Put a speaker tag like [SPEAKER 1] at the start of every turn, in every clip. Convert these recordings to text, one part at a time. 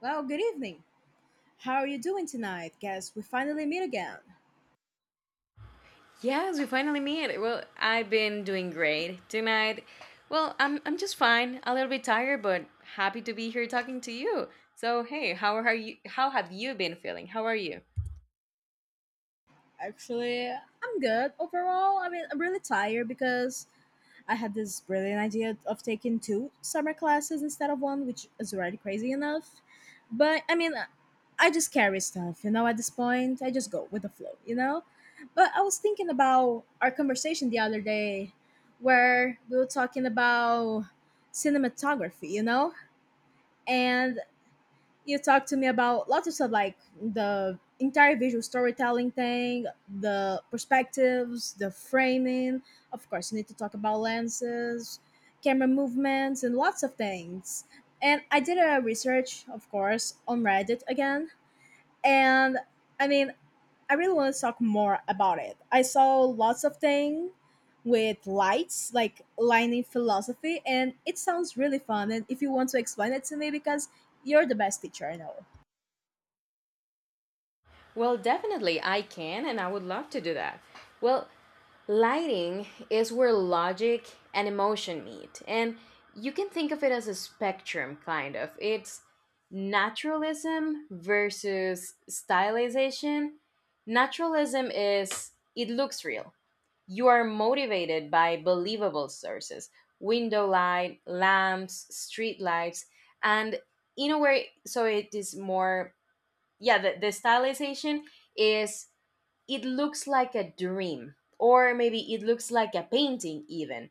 [SPEAKER 1] Well, good evening. How are you doing tonight? Guess we finally meet again.
[SPEAKER 2] Yes, we finally meet. Well, I've been doing great tonight. Well, I'm just fine. A little bit tired, but happy to be here talking to you. So, hey, how are you? How have you been feeling? How are you?
[SPEAKER 1] Actually, I'm good overall. I mean, I'm really tired because I had this brilliant idea of taking two summer classes instead of one, which is already crazy enough. But I mean, I just carry stuff, you know, at this point. I just go with the flow, you know? But I was thinking about our conversation the other day where we were talking about cinematography, you know? And you talked to me about lots of stuff like the entire visual storytelling thing, the perspectives, the framing. Of course, you need to talk about lenses, camera movements, and lots of things. And I did a research, of course, on Reddit again. And I mean, I really want to talk more about it. I saw lots of things with lights, like lighting philosophy, and it sounds really fun. And if you want to explain it to me, because you're the best teacher I know.
[SPEAKER 2] Well, definitely, I can, and I would love to do that. Well, lighting is where logic and emotion meet, and you can think of it as a spectrum, kind of. It's naturalism versus stylization. Naturalism is it looks real. You are motivated by believable sources, window light, lamps, street lights, and in a way, so it is more, yeah, the stylization is it looks like a dream, or maybe it looks like a painting even.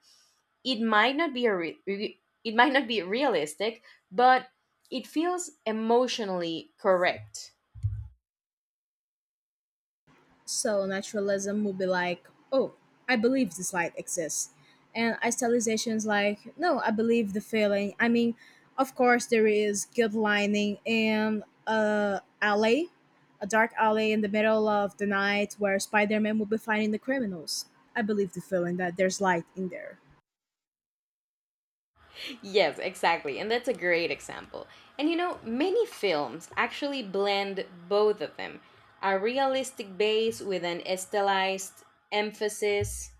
[SPEAKER 2] It might not be a it might not be realistic, but it feels emotionally correct.
[SPEAKER 1] So naturalism would be like, oh, I believe this light exists. And idealization is like, no, I believe the feeling. I mean, of course, there is good lining in a alley, a dark alley in the middle of the night where Spider Man will be finding the criminals. I believe the feeling that there's light in there.
[SPEAKER 2] Yes, exactly, and that's a great example. And you know, many films actually blend both of them, a realistic base with an stylized emphasis.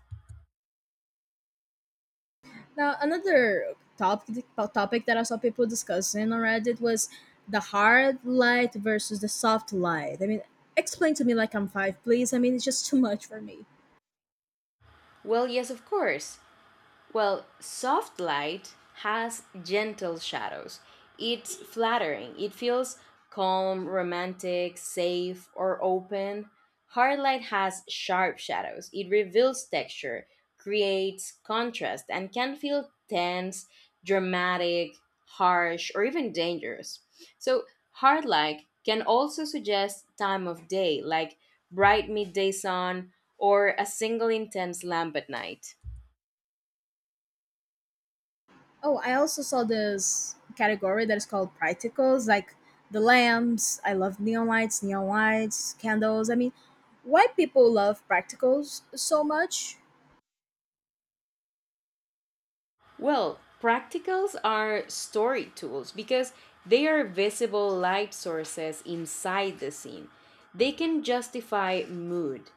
[SPEAKER 1] Now, another topic that I saw people discussing on Reddit was the hard light versus the soft light. I mean, explain to me like I'm five, please. I mean, it's just too much for me.
[SPEAKER 2] Well, yes, of course. Well, soft light has gentle shadows. It's flattering. It feels calm, romantic, safe, or open. Hard light has sharp shadows. It reveals texture, creates contrast, and can feel tense, dramatic, harsh, or even dangerous. So, hard light can also suggest time of day, like bright midday sun or a single intense lamp at night.
[SPEAKER 1] Oh, I also saw this category that is called practicals, like the lamps. I love neon lights, candles. I mean, why people love practicals so much?
[SPEAKER 2] Well, practicals are story tools because they are visible light sources inside the scene. They can justify mood.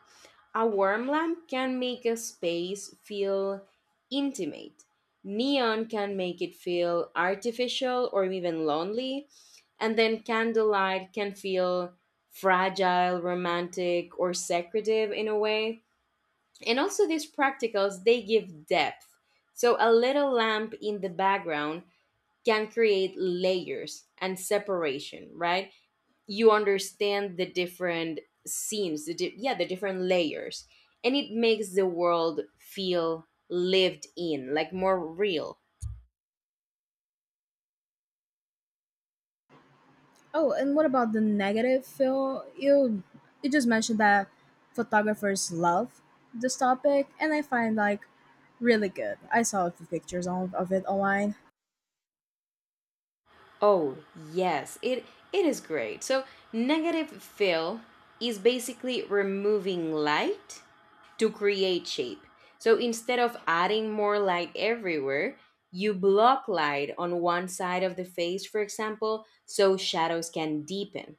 [SPEAKER 2] A warm lamp can make a space feel intimate. Neon can make it feel artificial or even lonely. And then candlelight can feel fragile, romantic, or secretive in a way. And also, these practicals, they give depth. So a little lamp in the background can create layers and separation, right? You understand the different scenes, the yeah, the different layers, and it makes the world feel lived in, like more real.
[SPEAKER 1] Oh, and what about the negative, Phil? You just mentioned that photographers love this topic, and I find like really good. I saw a few pictures on, of it online.
[SPEAKER 2] Oh yes, it is great. So negative fill is basically removing light to create shape. So instead of adding more light everywhere, you block light on one side of the face, for example, so shadows can deepen.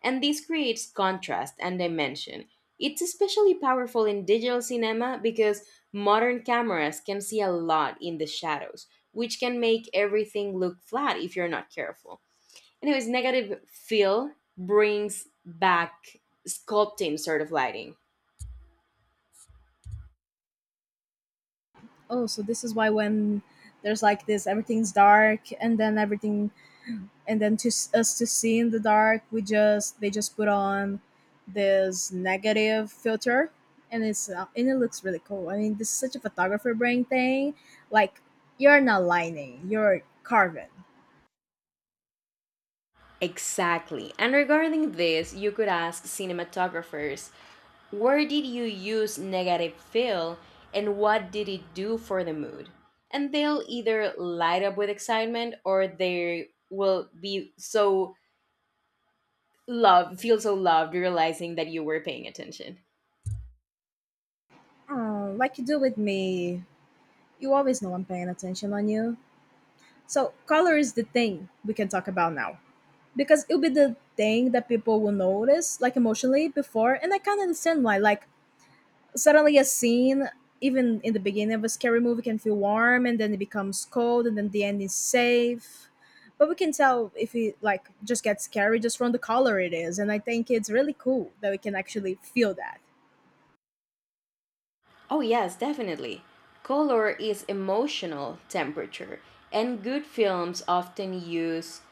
[SPEAKER 2] And this creates contrast and dimension. It's especially powerful in digital cinema because modern cameras can see a lot in the shadows, which can make everything look flat if you're not careful. Anyways, negative fill brings back sculpting sort of lighting.
[SPEAKER 1] Oh, so this is why when there's like this, everything's dark, and then everything, and then us to see in the dark, we just they just put on this negative filter, and it's and it looks really cool. I mean, this is such a photographer brain thing. Like you're not lining, you're carving.
[SPEAKER 2] Exactly. And regarding this, you could ask cinematographers, where did you use negative fill and what did it do for the mood? And they'll either light up with excitement or they will be so loved, feel so loved realizing that you were paying attention.
[SPEAKER 1] Oh, like you do with me. You always know I'm paying attention on you. So, color is the thing we can talk about now. Because it'll be the thing that people will notice, like emotionally, before. And I can't understand why. Like, suddenly a scene, even in the beginning of a scary movie, can feel warm and then it becomes cold and then the end is safe. But we can tell if it, like, just gets scary just from the color it is. And I think it's really cool that we can actually feel that.
[SPEAKER 2] Oh, yes, definitely. Color is emotional temperature, and good films often use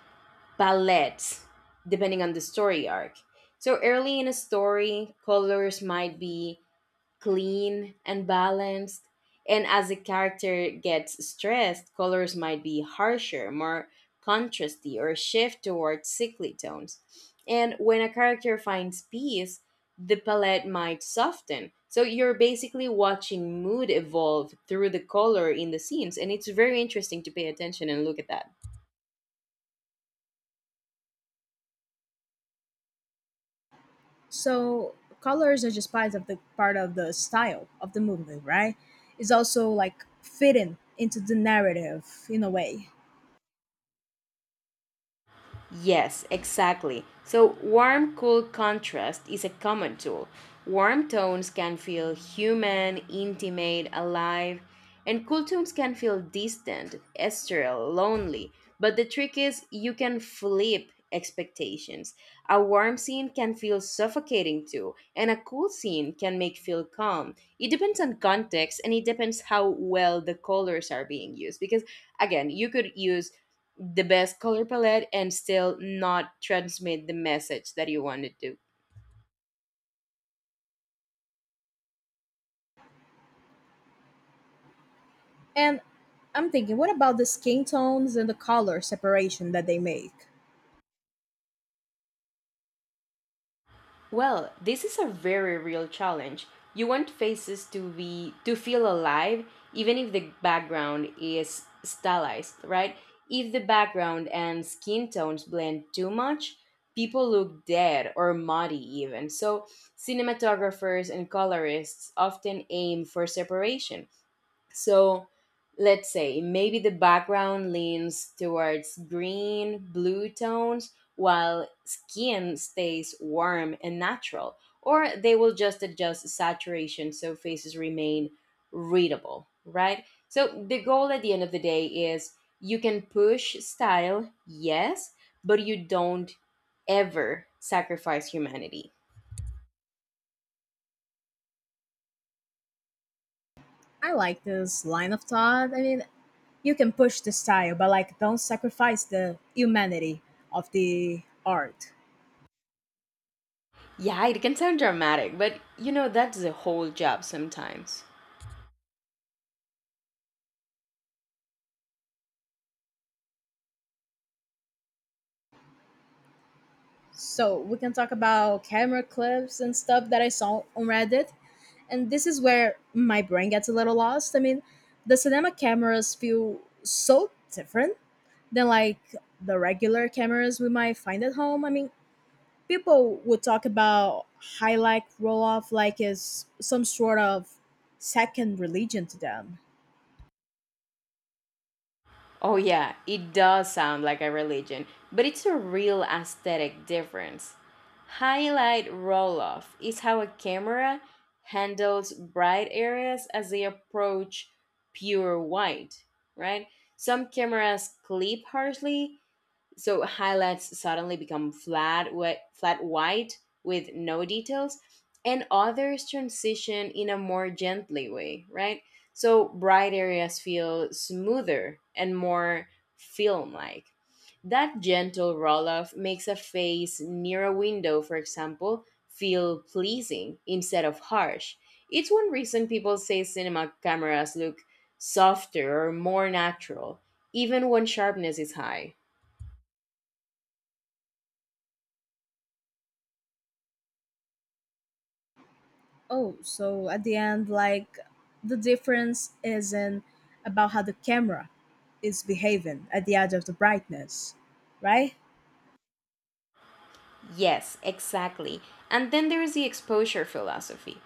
[SPEAKER 2] palettes depending on the story arc. So early in a story, colors might be clean and balanced, and as the character gets stressed, colors might be harsher, more contrasty, or shift towards sickly tones. And when a character finds peace, the palette might soften. So you're basically watching mood evolve through the color in the scenes, and it's very interesting to pay attention and look at that.
[SPEAKER 1] So colors are just part of the style of the movie, right? It's also like fitting into the narrative in a way.
[SPEAKER 2] Yes, exactly. So, warm cool contrast is a common tool. Warm tones can feel human, intimate, alive, and cool tones can feel distant, ethereal, lonely. But the trick is you can flip expectations. A warm scene can feel suffocating too, and a cool scene can make feel calm. It depends on context, and it depends how well the colors are being used, because again, you could use the best color palette and still not transmit the message that you want to do.
[SPEAKER 1] And I'm thinking, what about the skin tones and the color separation that they make?
[SPEAKER 2] Well, this is a very real challenge. You want faces to be to feel alive even if the background is stylized, right? If the background and skin tones blend too much, people look dead or muddy even. So, cinematographers and colorists often aim for separation. So let's say maybe the background leans towards green, blue tones, while skin stays warm and natural, or they will just adjust saturation so faces remain readable, right? So the goal at the end of the day is you can push style, yes, but you don't ever sacrifice humanity.
[SPEAKER 1] I like this line of thought. I mean, you can push the style, but like don't sacrifice the humanity of the art.
[SPEAKER 2] Yeah, it can sound dramatic, but you know, that's the whole job sometimes.
[SPEAKER 1] So we can talk about camera clips and stuff that I saw on Reddit, and this is where my brain gets a little lost. I mean, the cinema cameras feel so different than like the regular cameras we might find at home. I mean, people would talk about highlight roll off like it's some sort of second religion to them.
[SPEAKER 2] Oh yeah, it does sound like a religion, but it's a real aesthetic difference. Highlight roll-off is how a camera handles bright areas as they approach pure white, right? Some cameras clip harshly, so highlights suddenly become flat white with no details, and others transition in a more gently way, right? So bright areas feel smoother and more film like. That gentle roll off makes a face near a window, for example, feel pleasing instead of harsh. It's one reason people say cinema cameras look softer or more natural, even when sharpness is high.
[SPEAKER 1] Oh, so at the end, like the difference isn't about how the camera is behaving at the edge of the brightness, right?
[SPEAKER 2] Yes, exactly. And then there is the exposure philosophy,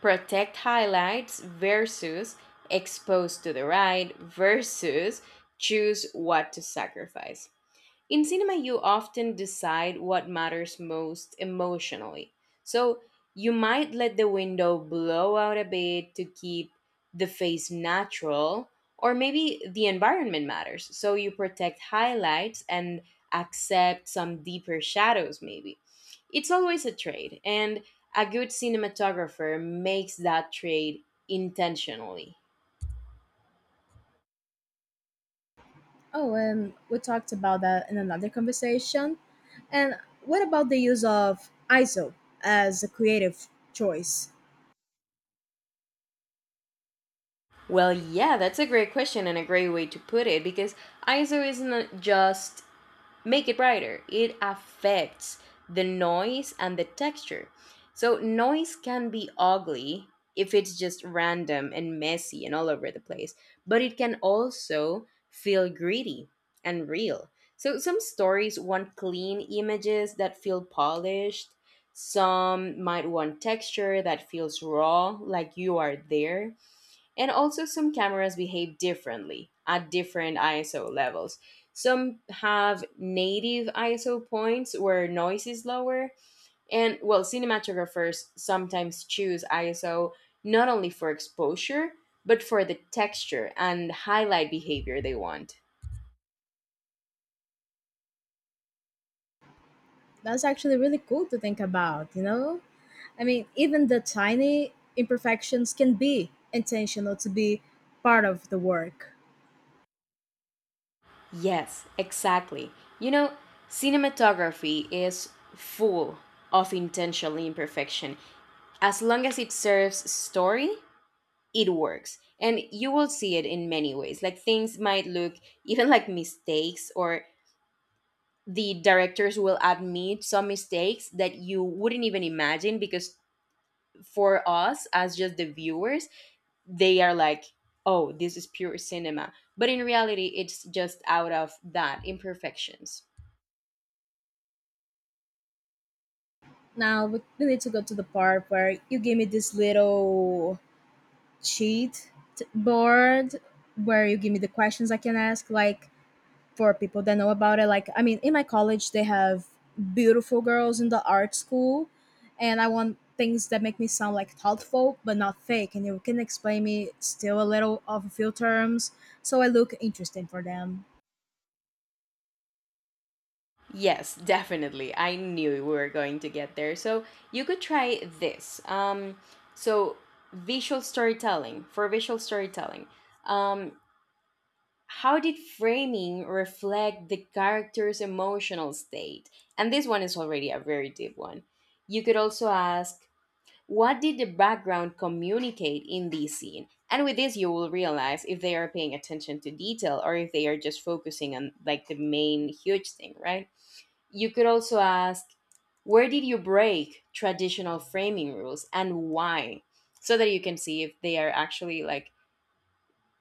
[SPEAKER 2] protect highlights versus expose to the right versus choose what to sacrifice. In cinema, you often decide what matters most emotionally. So you might let the window blow out a bit to keep the face natural, or maybe the environment matters. So you protect highlights and accept some deeper shadows, maybe. It's always a trade, and a good cinematographer makes that trade intentionally.
[SPEAKER 1] Oh, and we talked about that in another conversation. And what about the use of ISO as a creative choice?
[SPEAKER 2] Well, yeah, that's a great question and a great way to put it, because ISO is not just make it brighter. It affects the noise and the texture. So, noise can be ugly if it's just random and messy and all over the place, but it can also feel gritty and real. So, some stories want clean images that feel polished. Some might want texture that feels raw, like you are there. And also, some cameras behave differently at different ISO levels. Some have native ISO points where noise is lower. And, well, cinematographers sometimes choose ISO not only for exposure, but for the texture and highlight behavior they want.
[SPEAKER 1] That's actually really cool to think about, you know? I mean, even the tiny imperfections can be intentional to be part of the work.
[SPEAKER 2] Yes, exactly. You know, cinematography is full of intentional imperfection. As long as it serves story, it works. And you will see it in many ways, like things might look even like mistakes, or the directors will admit some mistakes that you wouldn't even imagine, because for us as just the viewers, they are like, oh, this is pure cinema, but in reality it's just out of that imperfections.
[SPEAKER 1] Now, we need to go to the part where you give me this little board where you give me the questions I can ask, like for people that know about it. Like, I mean, in my college, they have beautiful girls in the art school, and I want things that make me sound like thoughtful but not fake. And you can explain me still a little of a few terms so I look interesting for them.
[SPEAKER 2] Yes, definitely. I knew we were going to get there. So you could try this. So visual storytelling, for visual storytelling. Um, how did framing reflect the character's emotional state? And this one is already a very deep one. You could also ask, what did the background communicate in this scene? And with this, you will realize if they are paying attention to detail or if they are just focusing on like the main huge thing, right? You could also ask, where did you break traditional framing rules and why? So that you can see if they are actually like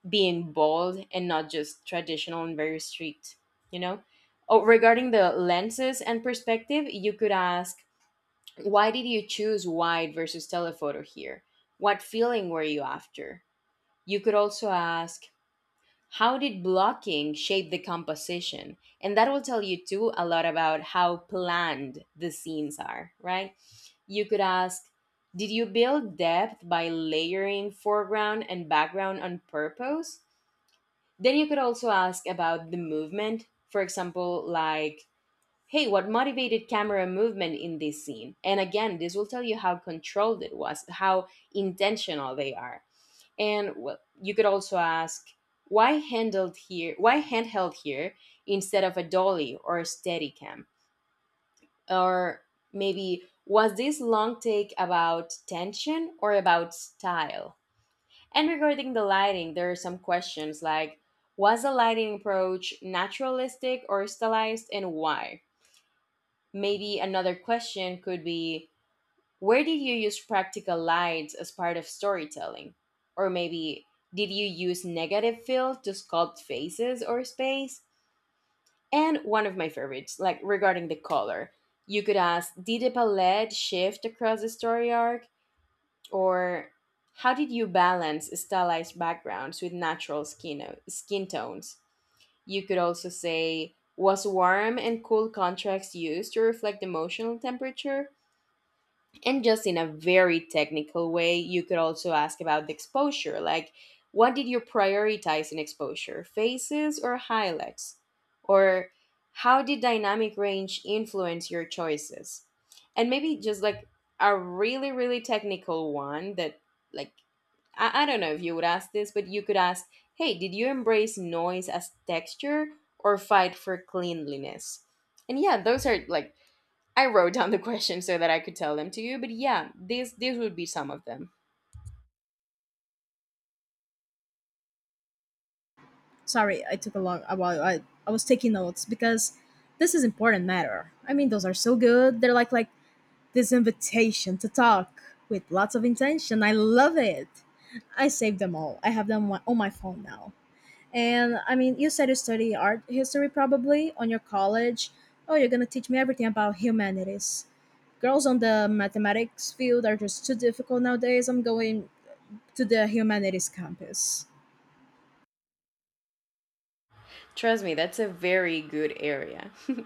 [SPEAKER 2] being bold and not just traditional and very strict, you know? Oh, regarding the lenses and perspective, you could ask, why did you choose wide versus telephoto here? What feeling were you after? You could also ask, how did blocking shape the composition? And that will tell you too a lot about how planned the scenes are, right? You could ask, did you build depth by layering foreground and background on purpose? Then you could also ask about the movement. For example, like, hey, what motivated camera movement in this scene? And again, this will tell you how controlled it was, how intentional they are. And well, you could also ask, why handheld here instead of a dolly or a steadicam? Or maybe, was this long take about tension or about style? And regarding the lighting, there are some questions like, was the lighting approach naturalistic or stylized and why? Maybe another question could be, where did you use practical lights as part of storytelling? Or maybe, did you use negative fill to sculpt faces or space? And one of my favorites, like regarding the color, you could ask, did the palette shift across the story arc? Or how did you balance stylized backgrounds with natural skin tones? You could also say, was warm and cool contrast used to reflect emotional temperature? And just in a very technical way, you could also ask about the exposure, like, what did you prioritize in exposure, faces or highlights? Or how did dynamic range influence your choices? And maybe just like a really really technical one, that like, I don't know if you would ask this, but you could ask, hey, did you embrace noise as texture or fight for cleanliness? And yeah, those are like, I wrote down the questions so that I could tell them to you, but yeah, these would be some of them.
[SPEAKER 1] Sorry, I took a while. I was taking notes because this is important matter. I mean, those are so good. They're like this invitation to talk with lots of intention. I love it. I saved them all. I have them on my phone now. And I mean, you said you study art history probably on your college. Oh, you're gonna teach me everything about humanities. Girls on the mathematics field are just too difficult nowadays. I'm going to the humanities campus.
[SPEAKER 2] Trust me, that's a very good area.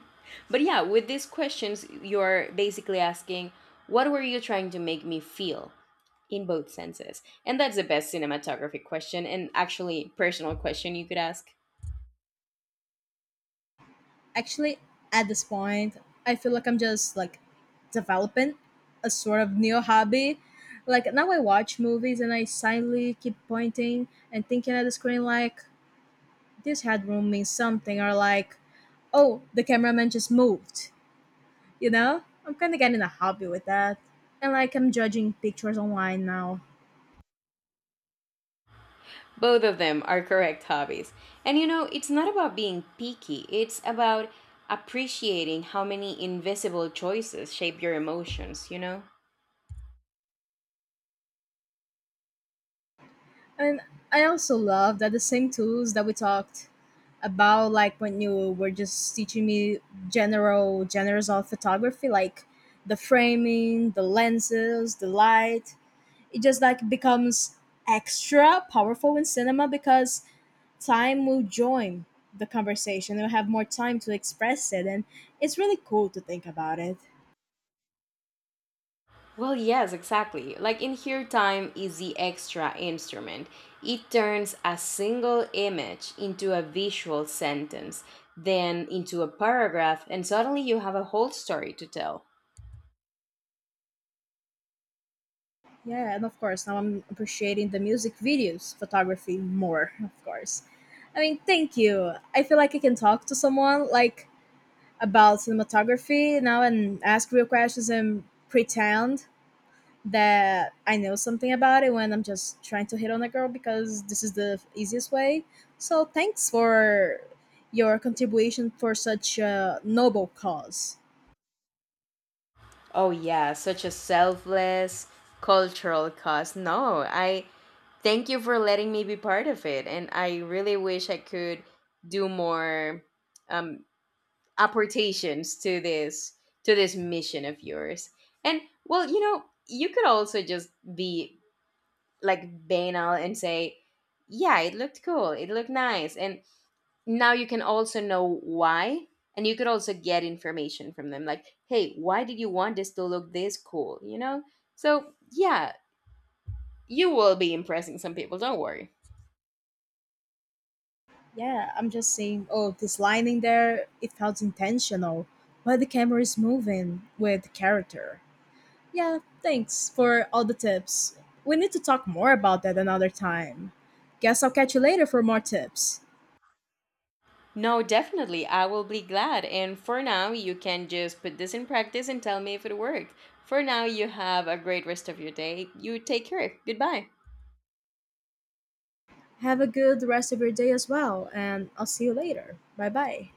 [SPEAKER 2] But yeah, with these questions, you're basically asking, what were you trying to make me feel, in both senses? And that's the best cinematographic question, and actually personal question, you could ask.
[SPEAKER 1] Actually, at this point, I feel like I'm just like developing a sort of new hobby. Like now I watch movies and I silently keep pointing and thinking at the screen like this headroom means something, or like oh the cameraman just moved. You know, I'm kind of getting a hobby with that. And like, I'm judging pictures online now.
[SPEAKER 2] Both of them are correct hobbies. And you know, it's not about being picky, it's about appreciating how many invisible choices shape your emotions, you know?
[SPEAKER 1] And I also love that the same tools that we talked about, like when you were just teaching me general genres of photography, like the framing, the lenses, the light, it just like becomes extra powerful in cinema because time will join the conversation. We'll have more time to express it. And it's really cool to think about it.
[SPEAKER 2] Well, yes, exactly. Like in here, time is the extra instrument. It turns a single image into a visual sentence, then into a paragraph, and suddenly you have a whole story to tell.
[SPEAKER 1] Yeah, and of course, now I'm appreciating the music videos, photography more, of course. I mean, thank you. I feel like I can talk to someone like about cinematography now and ask real questions and pretend that I know something about it when I'm just trying to hit on a girl because this is the easiest way. So, thanks for your contribution for such a noble cause.
[SPEAKER 2] Oh, yeah, such a selfless cultural cause. No, I thank you for letting me be part of it, and I really wish I could do more. Um, Apportations to this, to this mission of yours. And well, you know, you could also just be like banal and say, yeah, it looked cool, it looked nice. And now you can also know why. And you could also get information from them, like, hey, why did you want this to look this cool, you know? So yeah, you will be impressing some people, don't worry.
[SPEAKER 1] Yeah, I'm just saying, oh, this line in there, it felt intentional. But the camera is moving with the character. Yeah, thanks for all the tips. We need to talk more about that another time. Guess I'll catch you later for more tips.
[SPEAKER 2] No, definitely. I will be glad. And for now, you can just put this in practice and tell me if it worked. For now, you have a great rest of your day. You take care. Goodbye.
[SPEAKER 1] Have a good rest of your day as well, and I'll see you later. Bye bye.